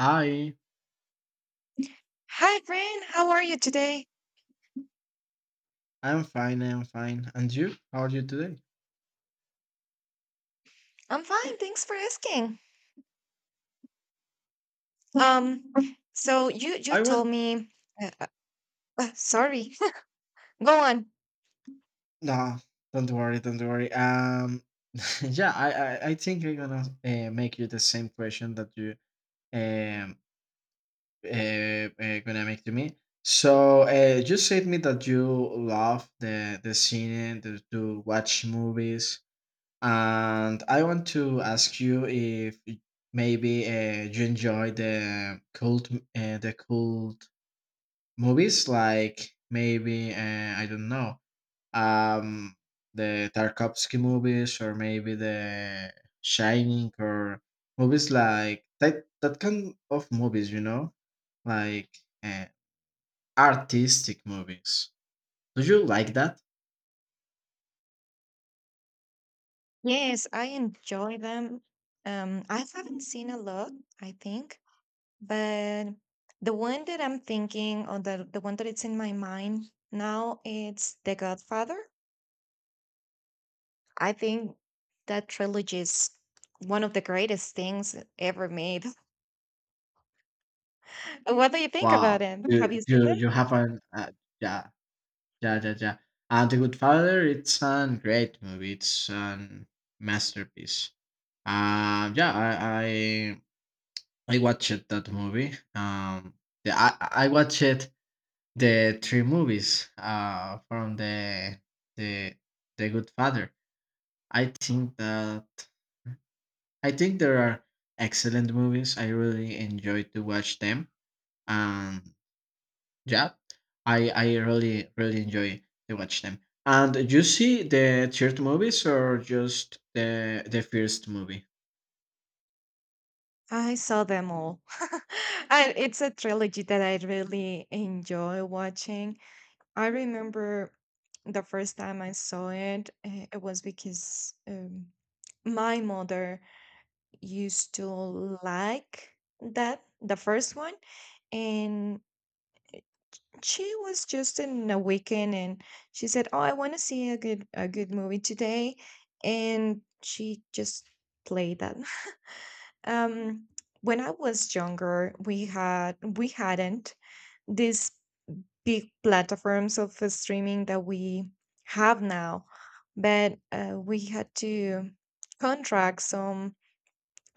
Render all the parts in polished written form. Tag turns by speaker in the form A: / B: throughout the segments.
A: Hi,
B: Hi, Brian. How are you today?
A: I'm fine, I'm fine. And you? How are you today?
B: I'm fine. Thanks for asking. Um, so you
A: I want
B: told me. Uh, Sorry. Go on.
A: no, don't worry, don't worry. Yeah, I think I'm gonna make you the same question that you um gonna make to me. So you said me that you love the scene the, to watch movies, and I want to ask you if maybe you enjoy the cult movies like maybe I don't know um, the Tarkovsky movies or maybe the Shining or movies like that that kind of movies. Like uh, artistic movies. Do you like that?
B: Yes, I enjoy them. I haven't seen a lot, I think, but the one that I'm thinking, or the one that it's in my mind now, it's The Godfather. I think that trilogy is one of the greatest things ever made. What do you think about
A: Wow,
B: it? Have you seen them?
A: you have an yeah, yeah, yeah, yeah. And The Good Father, it's a great movie. It's a masterpiece. Yeah, I watched that movie. I watched the three movies from the the Good Father. I think that I think there are excellent movies. I really enjoy to watch them. Um, yeah, I really really enjoy to watch them. And you see the third movies or just the first movie?
B: I saw them all. And it's a trilogy that I really enjoy watching. I remember the first time I saw it, it was because my mother used to like that, the first one, and she was just in a weekend, and she said, oh, I want to see a good movie today, and she just played that. um when I was younger, we hadn't these big platforms of streaming that we have now, but we had to contract some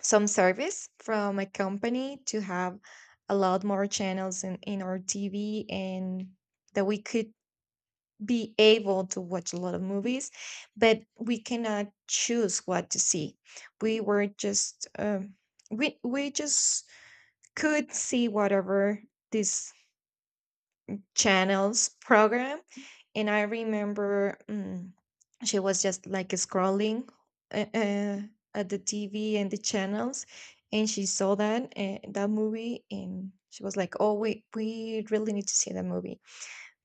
B: some service from a company to have a lot more channels in our TV, and that we could be able to watch a lot of movies, but we cannot choose what to see. We were just um, we just could see whatever this channels program. And I remember, she was just like scrolling uh, uh, at the TV and the channels, and she saw that movie, and she was like, oh, we really need to see that movie,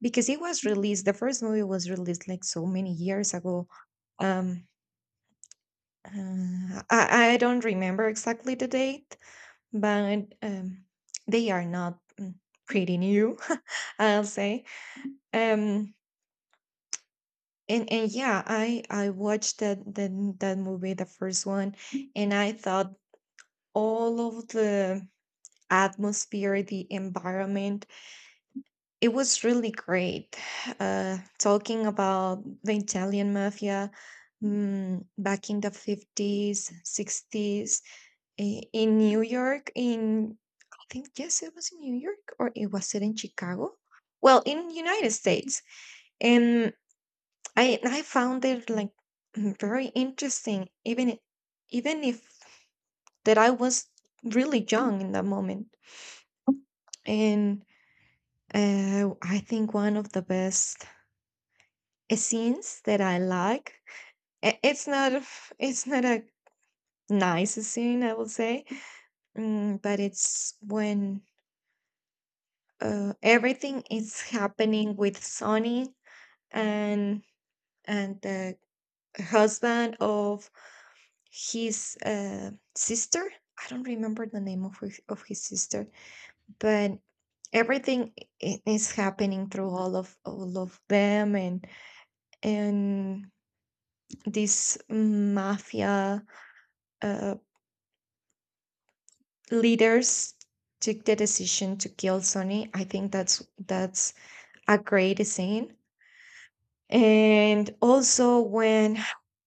B: because it was released the first movie was released like so many years ago. Um uh, I, I don't remember exactly the date, but they are not, pretty new. I'll say, um and yeah, I watched that movie, the first one, and I thought all of the atmosphere, the environment, it was really great. Talking about the Italian mafia, back in the 50s, sixties, in New York. In I think yes, it was in New York, or it was it in Chicago? Well, in United States, and I found it like, very interesting, even if that I was really young in that moment. And I think one of the best scenes that I like. I- It's not a- It's not a nice scene, I will say, but it's when everything is happening with Sonny, and the husband of his sister. I don't remember the name of his sister, but everything is happening through all of them, and and these mafia uh, leaders took the decision to kill Sonny. I think that's a great scene. And also when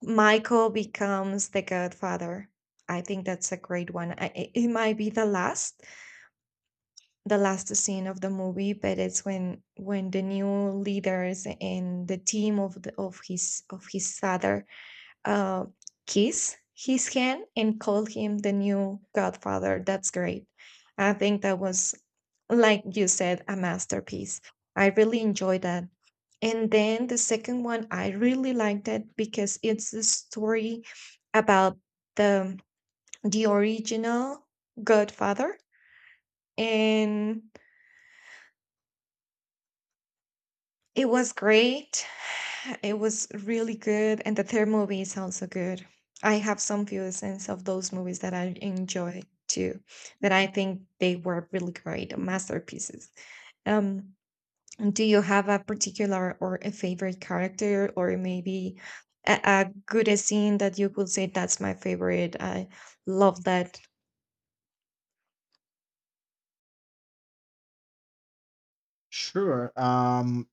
B: Michael becomes the godfather, I think that's a great one. I, it might be the last scene of the movie, but it's when the new leaders and the team of the, of his father uh, kiss his hand and call him the new Godfather. That's great. I think that was, like you said, a masterpiece. I really enjoyed that. And then the second one, I really liked it because it's the story about the the original Godfather, and it was great. It was really good, and the third movie is also good. I have some feelings of those movies that I enjoy too, that I think they were really great masterpieces. Um, do you have a particular or a favorite character, or maybe a good scene that you could say, that's my favorite? I love that.
A: Sure.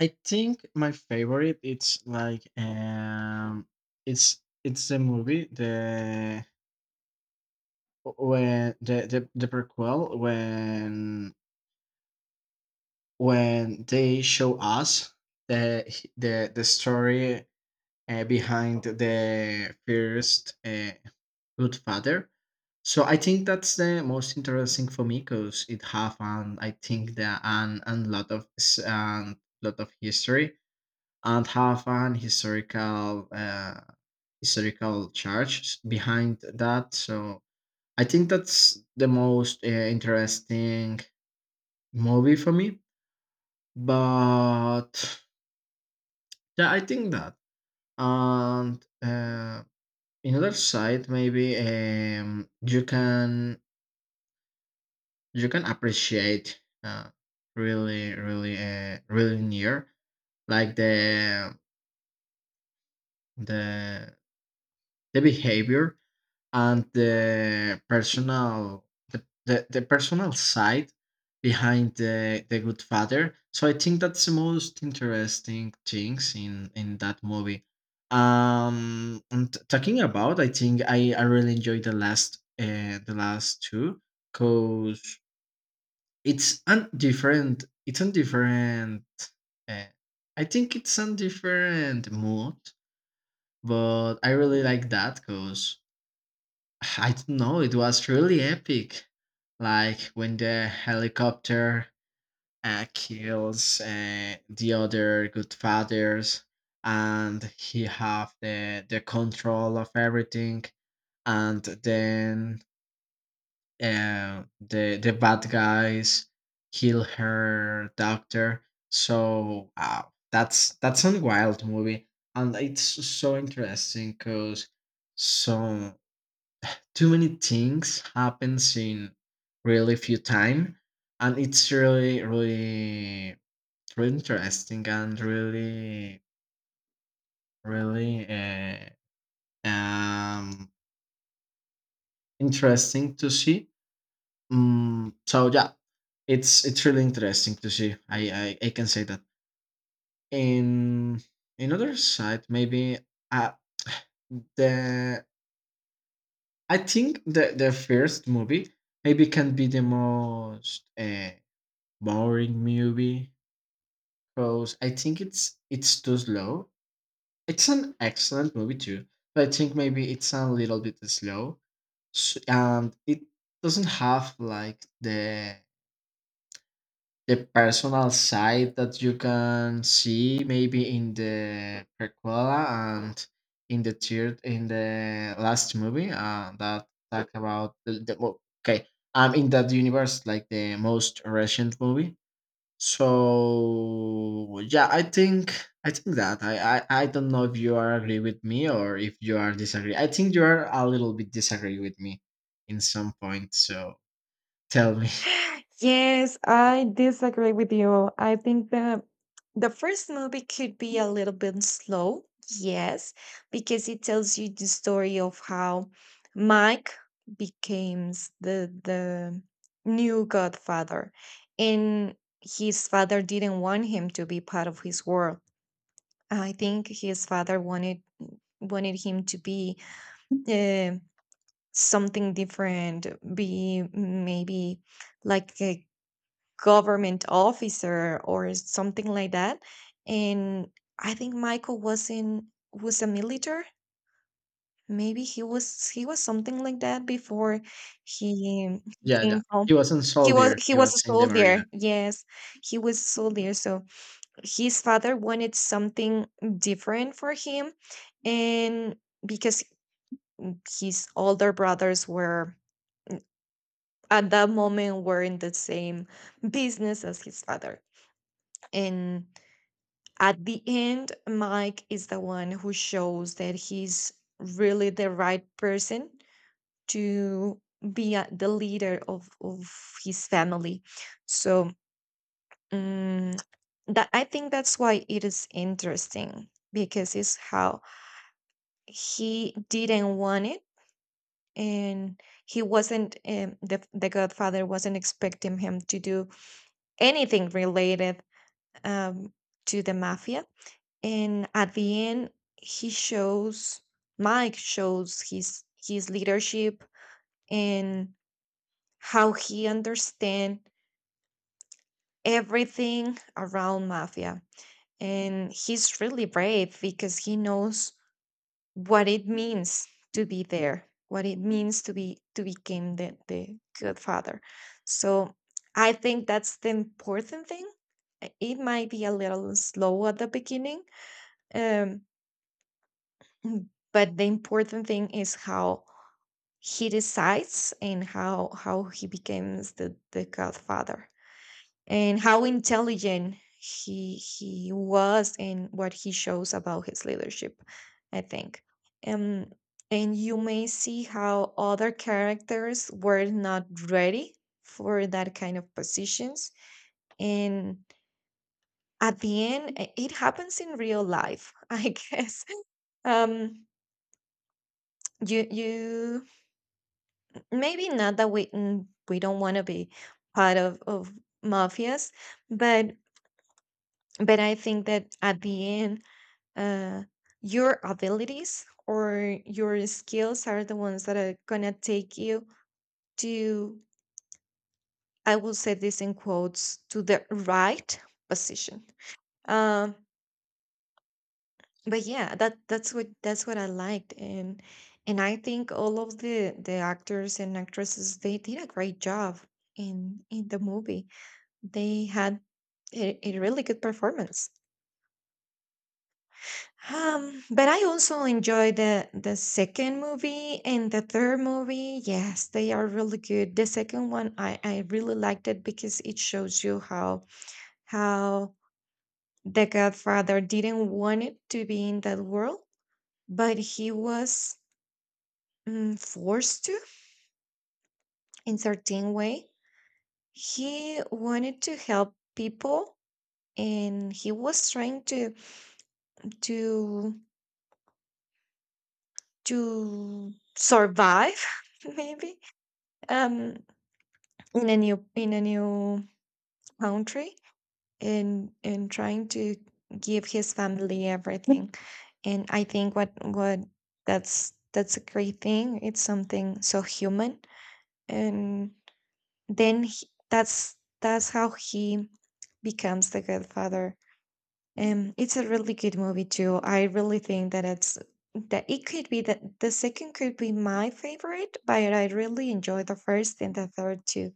A: I think my favorite it's like it's the movie the when the prequel when they show us the the story behind the first good father. So I think that's the most interesting for me because it have and I think that an and lot of lot of history and have an historical historical charge s- behind that. So I think that's the most interesting movie for me. But yeah, I think that. And another side, maybe you can appreciate really really really near like the the behavior and the personal the personal side behind the good father. So I think that's the most interesting things in that movie. And talking about, I think I really enjoyed the last two, because it's different. It's a different uh, I think it's a different mood, but I really like that because I don't know. It was really epic. Like when the helicopter kills the other good fathers, and he have the control of everything, and then the bad guys kill her doctor. So that's a wild movie, and it's so interesting because too many things happens in really few time, and it's really really really interesting and really really um interesting to see. So yeah, it's really interesting to see. I can say that in in other side maybe uh the I think the first movie maybe can be the most boring movie because I think it's too slow. It's an excellent movie too, but I think maybe it's a little bit slow, and it doesn't have like the personal side that you can see maybe in the prequela and in the third in the last movie that talk about the well, okay, in that universe like the most recent movie. So yeah, I think that, I don't know if you are agree with me or if you are disagree. I think you are a little bit disagree with me in some point. So tell me.
B: Yes, I disagree with you. I think the first movie could be a little bit slow, yes, because it tells you the story of how Mike becomes the new godfather, and his father didn't want him to be part of his world. I think his father wanted him to be uh, something different, be maybe like a government officer or something like that. And I think Michael was a military. Maybe he was something like that before he
A: Yeah, yeah.
B: came
A: He
B: home.
A: wasn't
B: He was
A: soldier.
B: he
A: He
B: was a
A: was in the marina.
B: soldier. Yes, he was a soldier. So his father wanted something different for him, and because his older brothers were at that moment were in the same business as his father, and at the end, Mike is the one who shows that he's really the right person to be the leader of his family. So um, that I think that's why it is interesting, because it's how he didn't want it, and he wasn't, the godfather wasn't expecting him to do anything related, um, to the mafia, and at the end he shows Mike shows his leadership, and how he understands everything around mafia, and he's really brave because he knows what it means to be there, what it means to be, to become the good father. So I think that's the important thing. It might be a little slow at the beginning, um, Mm, but the important thing is how he decides and how he becomes the godfather, and how intelligent he was, and what he shows about his leadership, I think. um and you may see how other characters were not ready for that kind of positions, and at the end, it happens in real life, I guess. um You, maybe not that we, we don't want to be part of mafias, but I think that at the end, uh your abilities or your skills are the ones that are gonna take you to, I will say this in quotes, to the right position. um but yeah, that's what I liked, and I think all of the actors and actresses, they did a great job in the movie. They had a really good performance. But I also enjoyed the second movie and the third movie. Yes, they are really good. The second one, I really liked it because it shows you how how the Godfather didn't want it to be in that world, but he was, forced to, in certain way. He wanted to help people, and he was trying to, to to survive, maybe, um in a new, in a new country, and trying to give his family everything, and I think what that's a great thing. It's something so human, and then he, that's how he becomes the good father. It's a really good movie too. I really think that it's, that it could be, that the second could be my favorite, but I really enjoy the first and the third too.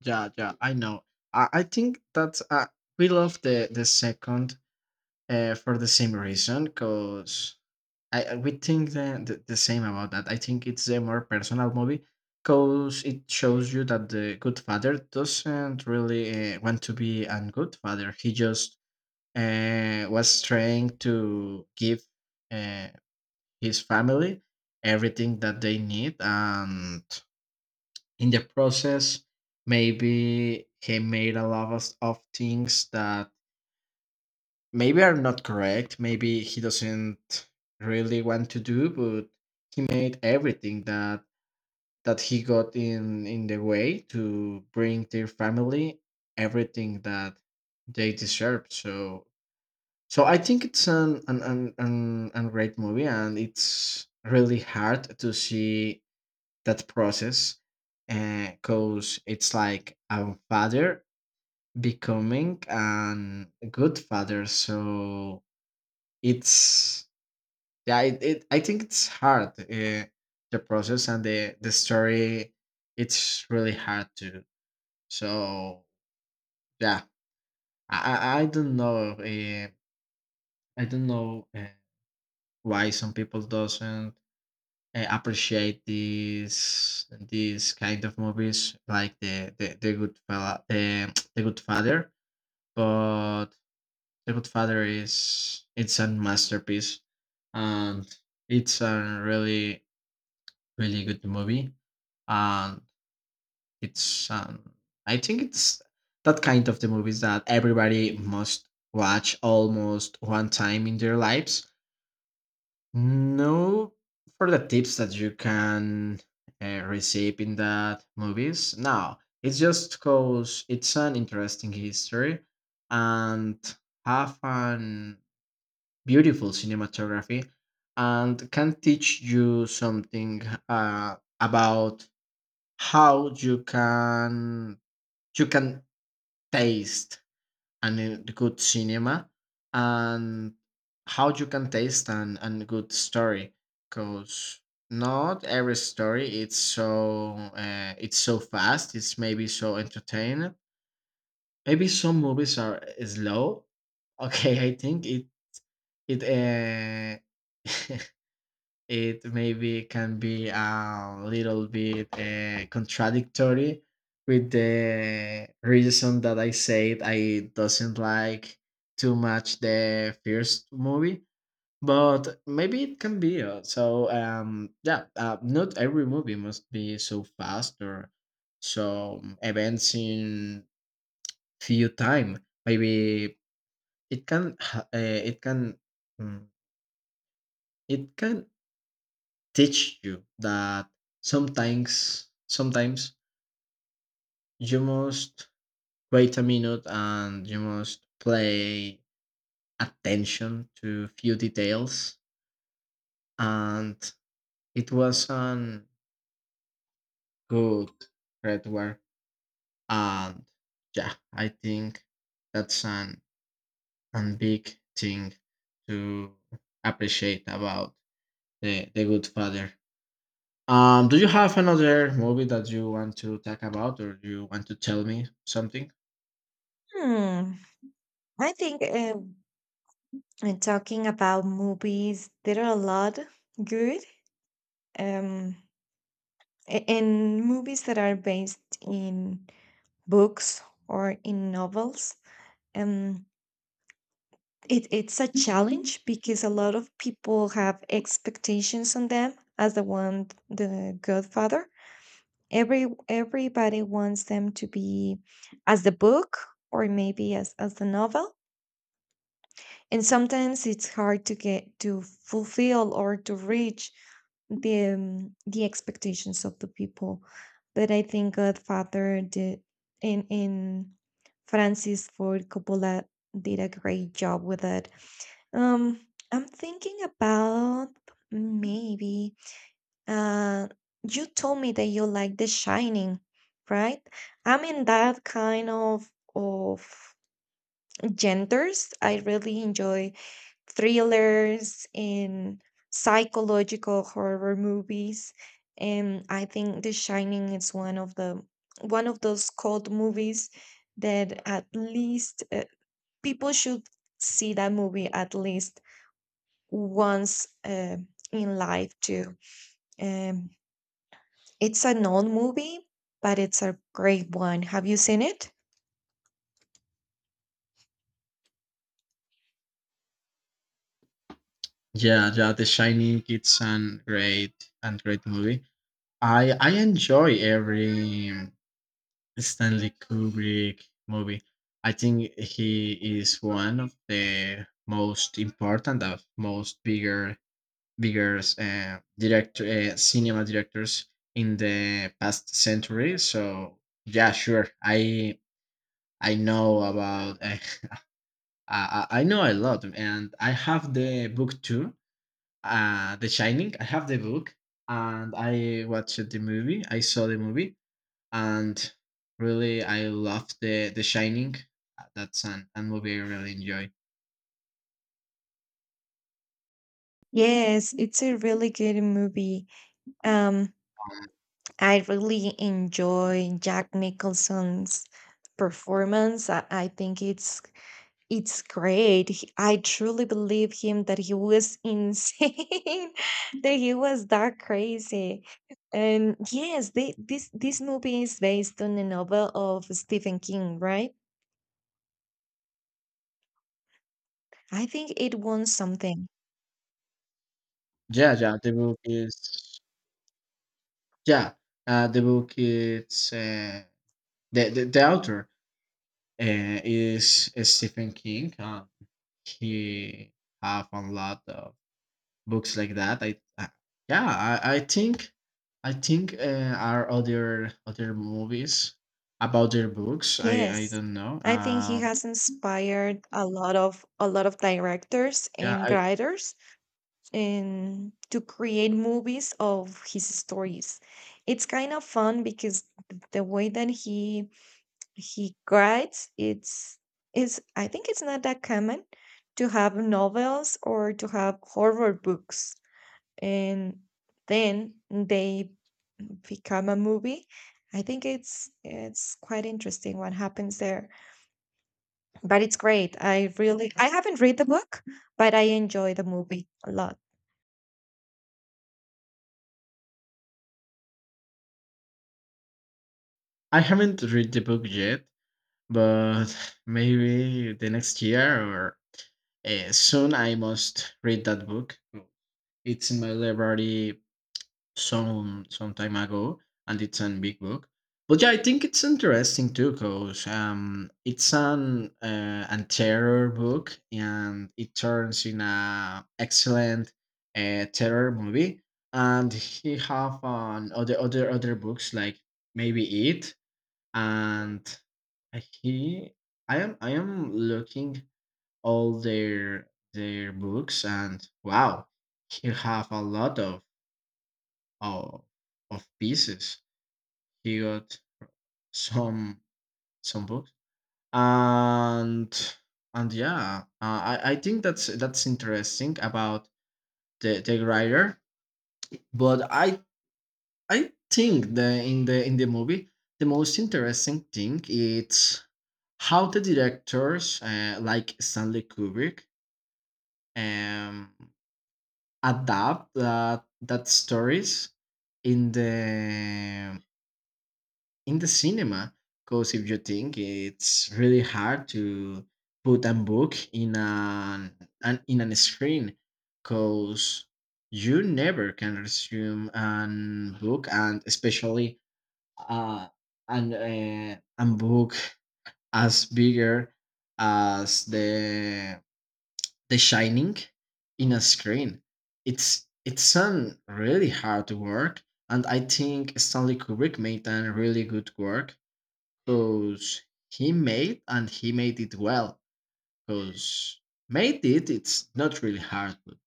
A: Yeah, yeah. I know. I think that we love the second for the same reason, because we think the same about that. I think it's a more personal movie, because it shows you that the good father doesn't really want to be a good father. He just was trying to give uh, his family everything that they need, and in the process, maybe he made a lot of things that maybe I'm not correct. Maybe he doesn't really want to do, but he made everything that that he got in the way to bring their family everything that they deserve. So so I think it's an great movie, and it's really hard to see that process because it's like a father becoming an good father. So it's yeah, it I think it's hard. The process and the story, it's really hard to. So yeah, I don't know I don't know why some people doesn't appreciate these kind of movies like the good fella the, the good father. But the good father is it's a masterpiece, and it's a really really good movie. And it's I think it's that kind of the movies that everybody must watch almost one time in their lives. No for the tips that you can receive in that movies. No, it's just because it's an interesting history, and have an beautiful cinematography, and can teach you something about how you can taste an a good cinema, and how you can taste an and good story. Because not every story it's so fast, it's maybe so entertaining, maybe some movies are slow. Okay, I think it it uh, it maybe can be a little bit contradictory with the reason that I said I doesn't like too much the first movie, but maybe it can be. So yeah, not every movie must be so fast or so events in few time. Maybe it can it can mm, it can teach you that sometimes sometimes you must wait a minute and you must play attention to few details, and it was an good red. And yeah, I think that's an big thing to appreciate about the good father. Do you have another movie that you want to talk about, or do you want to tell me something?
B: Hmm. I think and talking about movies, there are a lot good, um and movies that are based in books or in novels. Um, it, it's a challenge because a lot of people have expectations on them, as the one, the godfather, everybody wants them to be as the book, or maybe as the novel, and sometimes it's hard to get to fulfill or to reach the, the expectations of the people. But I think Godfather did, in Francis Ford Coppola did a great job with it. um, I'm thinking about, maybe, uh you told me that you like The Shining, right? I'm in that kind of genders. I really enjoy thrillers and psychological horror movies, and I think The Shining is one of those cult movies that, at least, people should see that movie at least once, in life too. Um, it's an old movie, but it's a great one. Have you seen it?
A: Yeah, yeah, The Shining it's an great and great movie. I enjoy every Stanley Kubrick movie. I think he is one of the most important of most bigger director cinema directors in the past century. So yeah, sure. I know about I know a lot, and I have the book too The Shining. I have the book and I watched the movie. I saw the movie and really I love the Shining. That's an movie I really enjoy.
B: Yes, it's a really good movie. Um, I really enjoy Jack Nicholson's performance. I think it's great. He- I truly believe him that he was insane, that he was that crazy. And yes, they, this movie is based on a novel of Stephen King, right? I think it won something.
A: Yeah, yeah, the book is yeah, uh, the book is uh, the author is Stephen King. And he have a lot of books like that. I yeah, I think are other other movies about their books. I
B: Yes.
A: don't know.
B: I think he has inspired a lot of directors
A: Yeah,
B: and writers, and to create movies of his stories. It's kind of fun because the way that he writes, it's is I think it's not that common to have novels or to have horror books, and then they become a movie. I think it's quite interesting what happens there, but it's great. I haven't read the book, but I enjoy the movie a lot.
A: I haven't read the book yet, but maybe the next year or soon I must read that book. It's in my library some time ago, and it's a big book. But yeah, I think it's interesting too, cause it's an terror book, and it turns in a excellent terror movie. And he have on other books like maybe it, and he, I am looking all their books, and wow, he have a lot uh, of pieces. He got some some books. and and yeah, I think that's interesting about the writer. But I think the in the in the movie the most interesting thing is how the directors like Stanley Kubrick um adapt that stories in the in the cinema, because if you think it's really hard to put a book in an in an screen, because you never can resume an book, and especially uh an a book as bigger as the shining in a screen. It's an really hard work, and I think Stanley Kubrick made a really good work, because he made and he made it well. Because made it, it's not really hard. But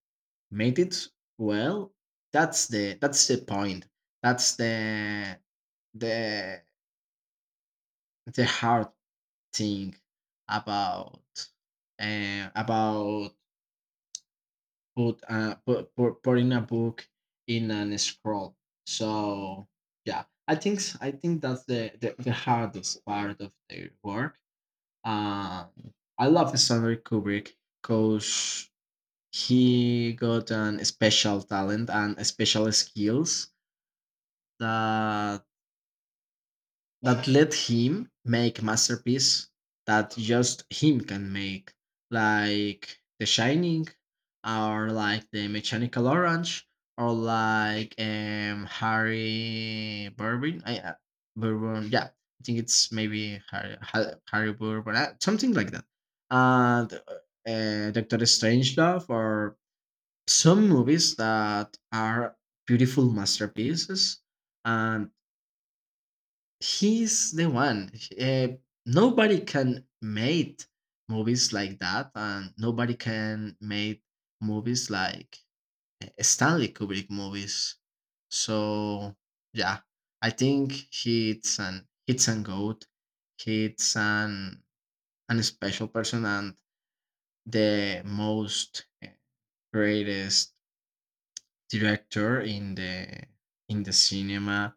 A: made it well. That's the point. That's the the hard thing about uh, about put putting a book in an scroll. So yeah, I think that's the hardest part of their work. Um, I love Stanley Kubrick because he got an special talent and special skills that that let him make masterpiece that just him can make, like The Shining, or like The Mechanical Orange, or like Harry Bourbon. I Bourbon, yeah, I think it's maybe Harry Bourbon, something like that. And Doctor Strangelove, or some movies that are beautiful masterpieces. And he's the one. Uh, nobody can make movies like that, and nobody can make movies like Stanley Kubrick movies. So yeah, I think he's an it's an goat. He's an special person and the most greatest director in the cinema,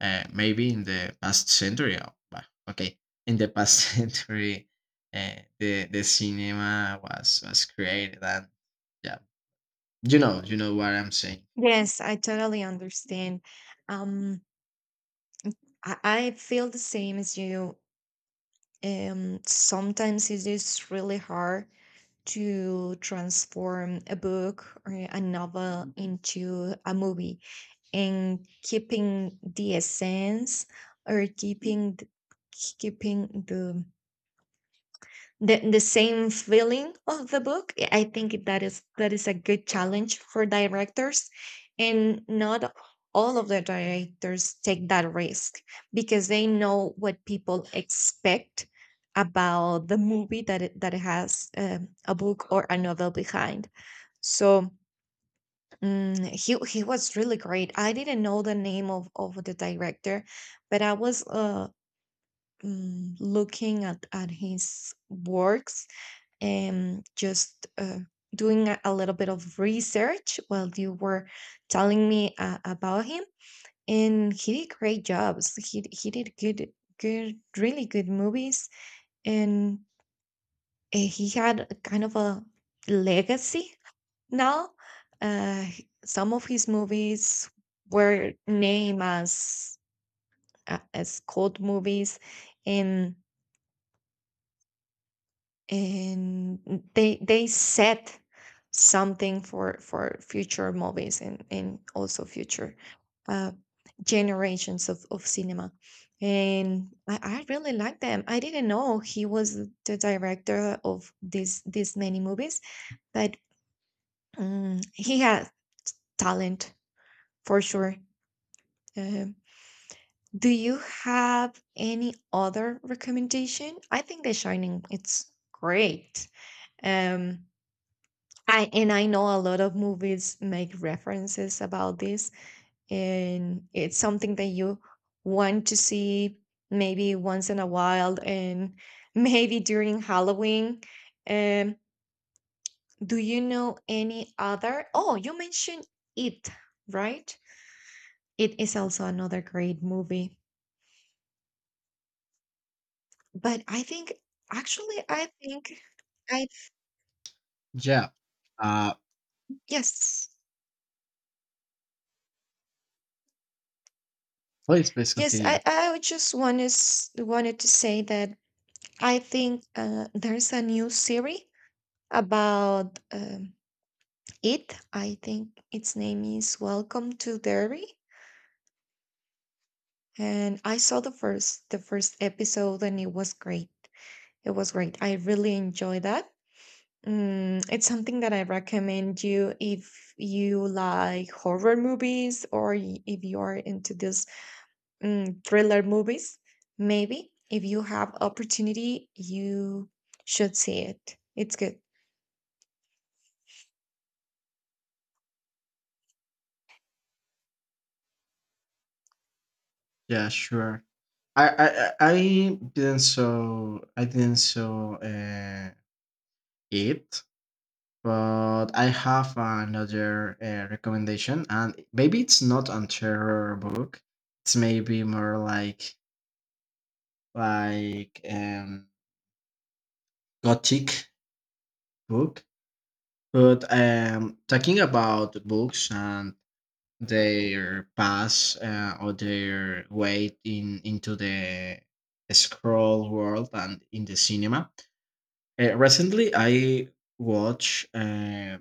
A: maybe in the past century, or, well, okay, in the past century the cinema was created. And yeah, you know what I'm saying.
B: Yes, I totally understand. Um i, I feel the same as you. Sometimes it is really hard to transform a book or a novel into a movie, and keeping the essence, or keeping keeping the same feeling of the book. I think that is, a good challenge for directors, and not all of the directors take that risk, because they know what people expect about the movie, that it has, a book or a novel behind. So, he was really great. I didn't know the name of the director, but I was looking at his works, and just doing a little bit of research while you were telling me about him, and he did great jobs. He did good, good, really good movies, and he had a kind of a legacy now. uh, some of his movies were named as cult movies, and they set something for future movies, and also future, uh, generations of cinema, and I really like them. I didn't know he was the director of this many movies, but he has talent, for sure. Um do you have any other recommendation? I think The Shining, it's great. um I know a lot of movies make references about this, and it's something that you want to see, maybe, once in a while, and maybe during Halloween. Um, do you know any other? Oh, you mentioned It, right? It is also another great movie. But I think, actually, I think I
A: Yeah, uh
B: yes.
A: please please
B: Yes,
A: continue.
B: I would just wanted, to say that I think there's a new series about, It. I think its name is Welcome to Derry, and I saw the first episode, and it was great. It was great. I really enjoyed that. Mm, it's something that I recommend you, if you like horror movies, or if you are into this, thriller movies. Maybe if you have opportunity, you should see it. It's good.
A: Yeah, sure. I didn't so I didn't so it but I have another recommendation. And maybe it's not a terror book, it's maybe more like gothic book. But talking about books and their path or their way in into the scroll world and in the cinema. Recently, I watched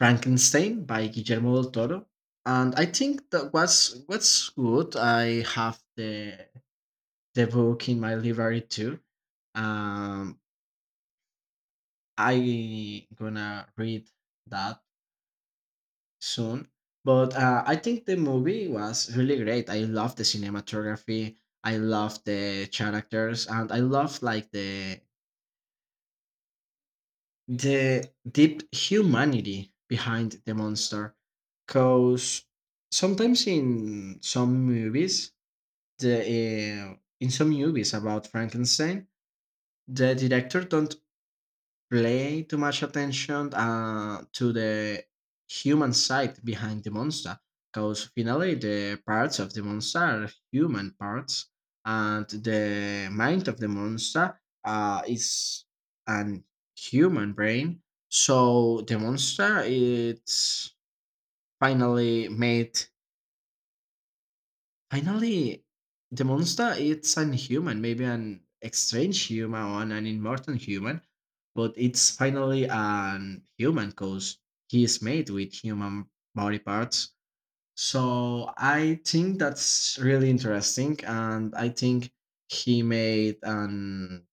A: Frankenstein by Guillermo del Toro, and I think that was what's good. I have the book in my library too. Um, I gonna read that soon. But I think the movie was really great. I love the cinematography. I love the characters, and I love like the deep humanity behind the monster. Cause sometimes in some movies, the in some movies about Frankenstein, the director don't play too much attention to the human side behind the monster, because finally the parts of the monster are human parts, and the mind of the monster is an human brain. So the monster it's finally made finally, the monster it's an human, maybe an strange human or an immortal human, but it's finally an human because he is made with human body parts. So I think that's really interesting, and I think he made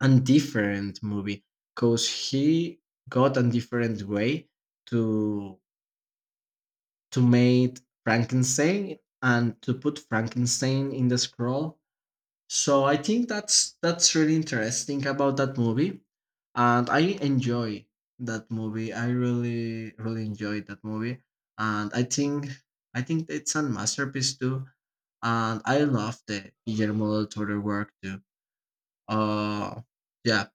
A: an different movie, because he got a different way to to make Frankenstein and to put Frankenstein in the scroll. So I think that's really interesting about that movie, and I enjoy that movie. I really really enjoyed that movie, and I think it's a masterpiece too. And I love the Guillermo del Toro work too. Uh, yeah,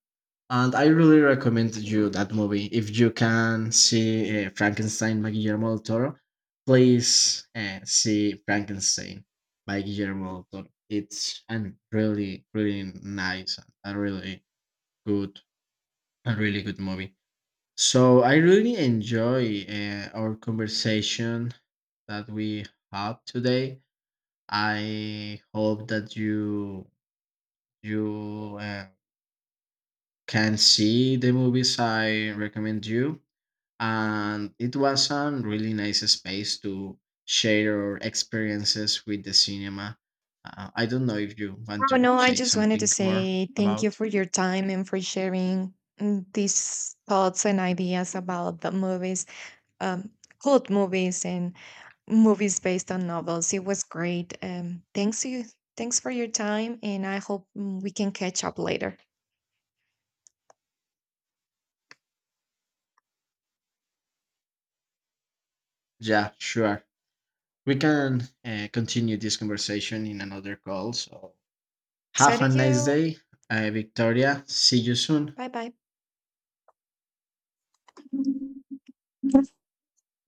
A: and I really recommend you that movie. If you can see Frankenstein by Guillermo del Toro, please see Frankenstein by Guillermo del Toro. It's a really, really nice, a really good, a really good movie. So I really enjoy our conversation that we had today. I hope that you can see the movies I recommend you, and it was a really nice space to share our experiences with the cinema. I don't know if you want
B: Oh,
A: to
B: no, I
A: say
B: just wanted to
A: something more
B: say thank you
A: about.
B: for your time, and for sharing, these thoughts and ideas about the movies, um, cult movies, and movies based on novels. It was great. Thanks to you. Thanks for your time, and I hope, we can catch up later.
A: Yeah, sure. We can continue this conversation in another call. So
B: So
A: have
B: do
A: a nice
B: you.
A: day, Victoria. See you soon.
B: Bye bye.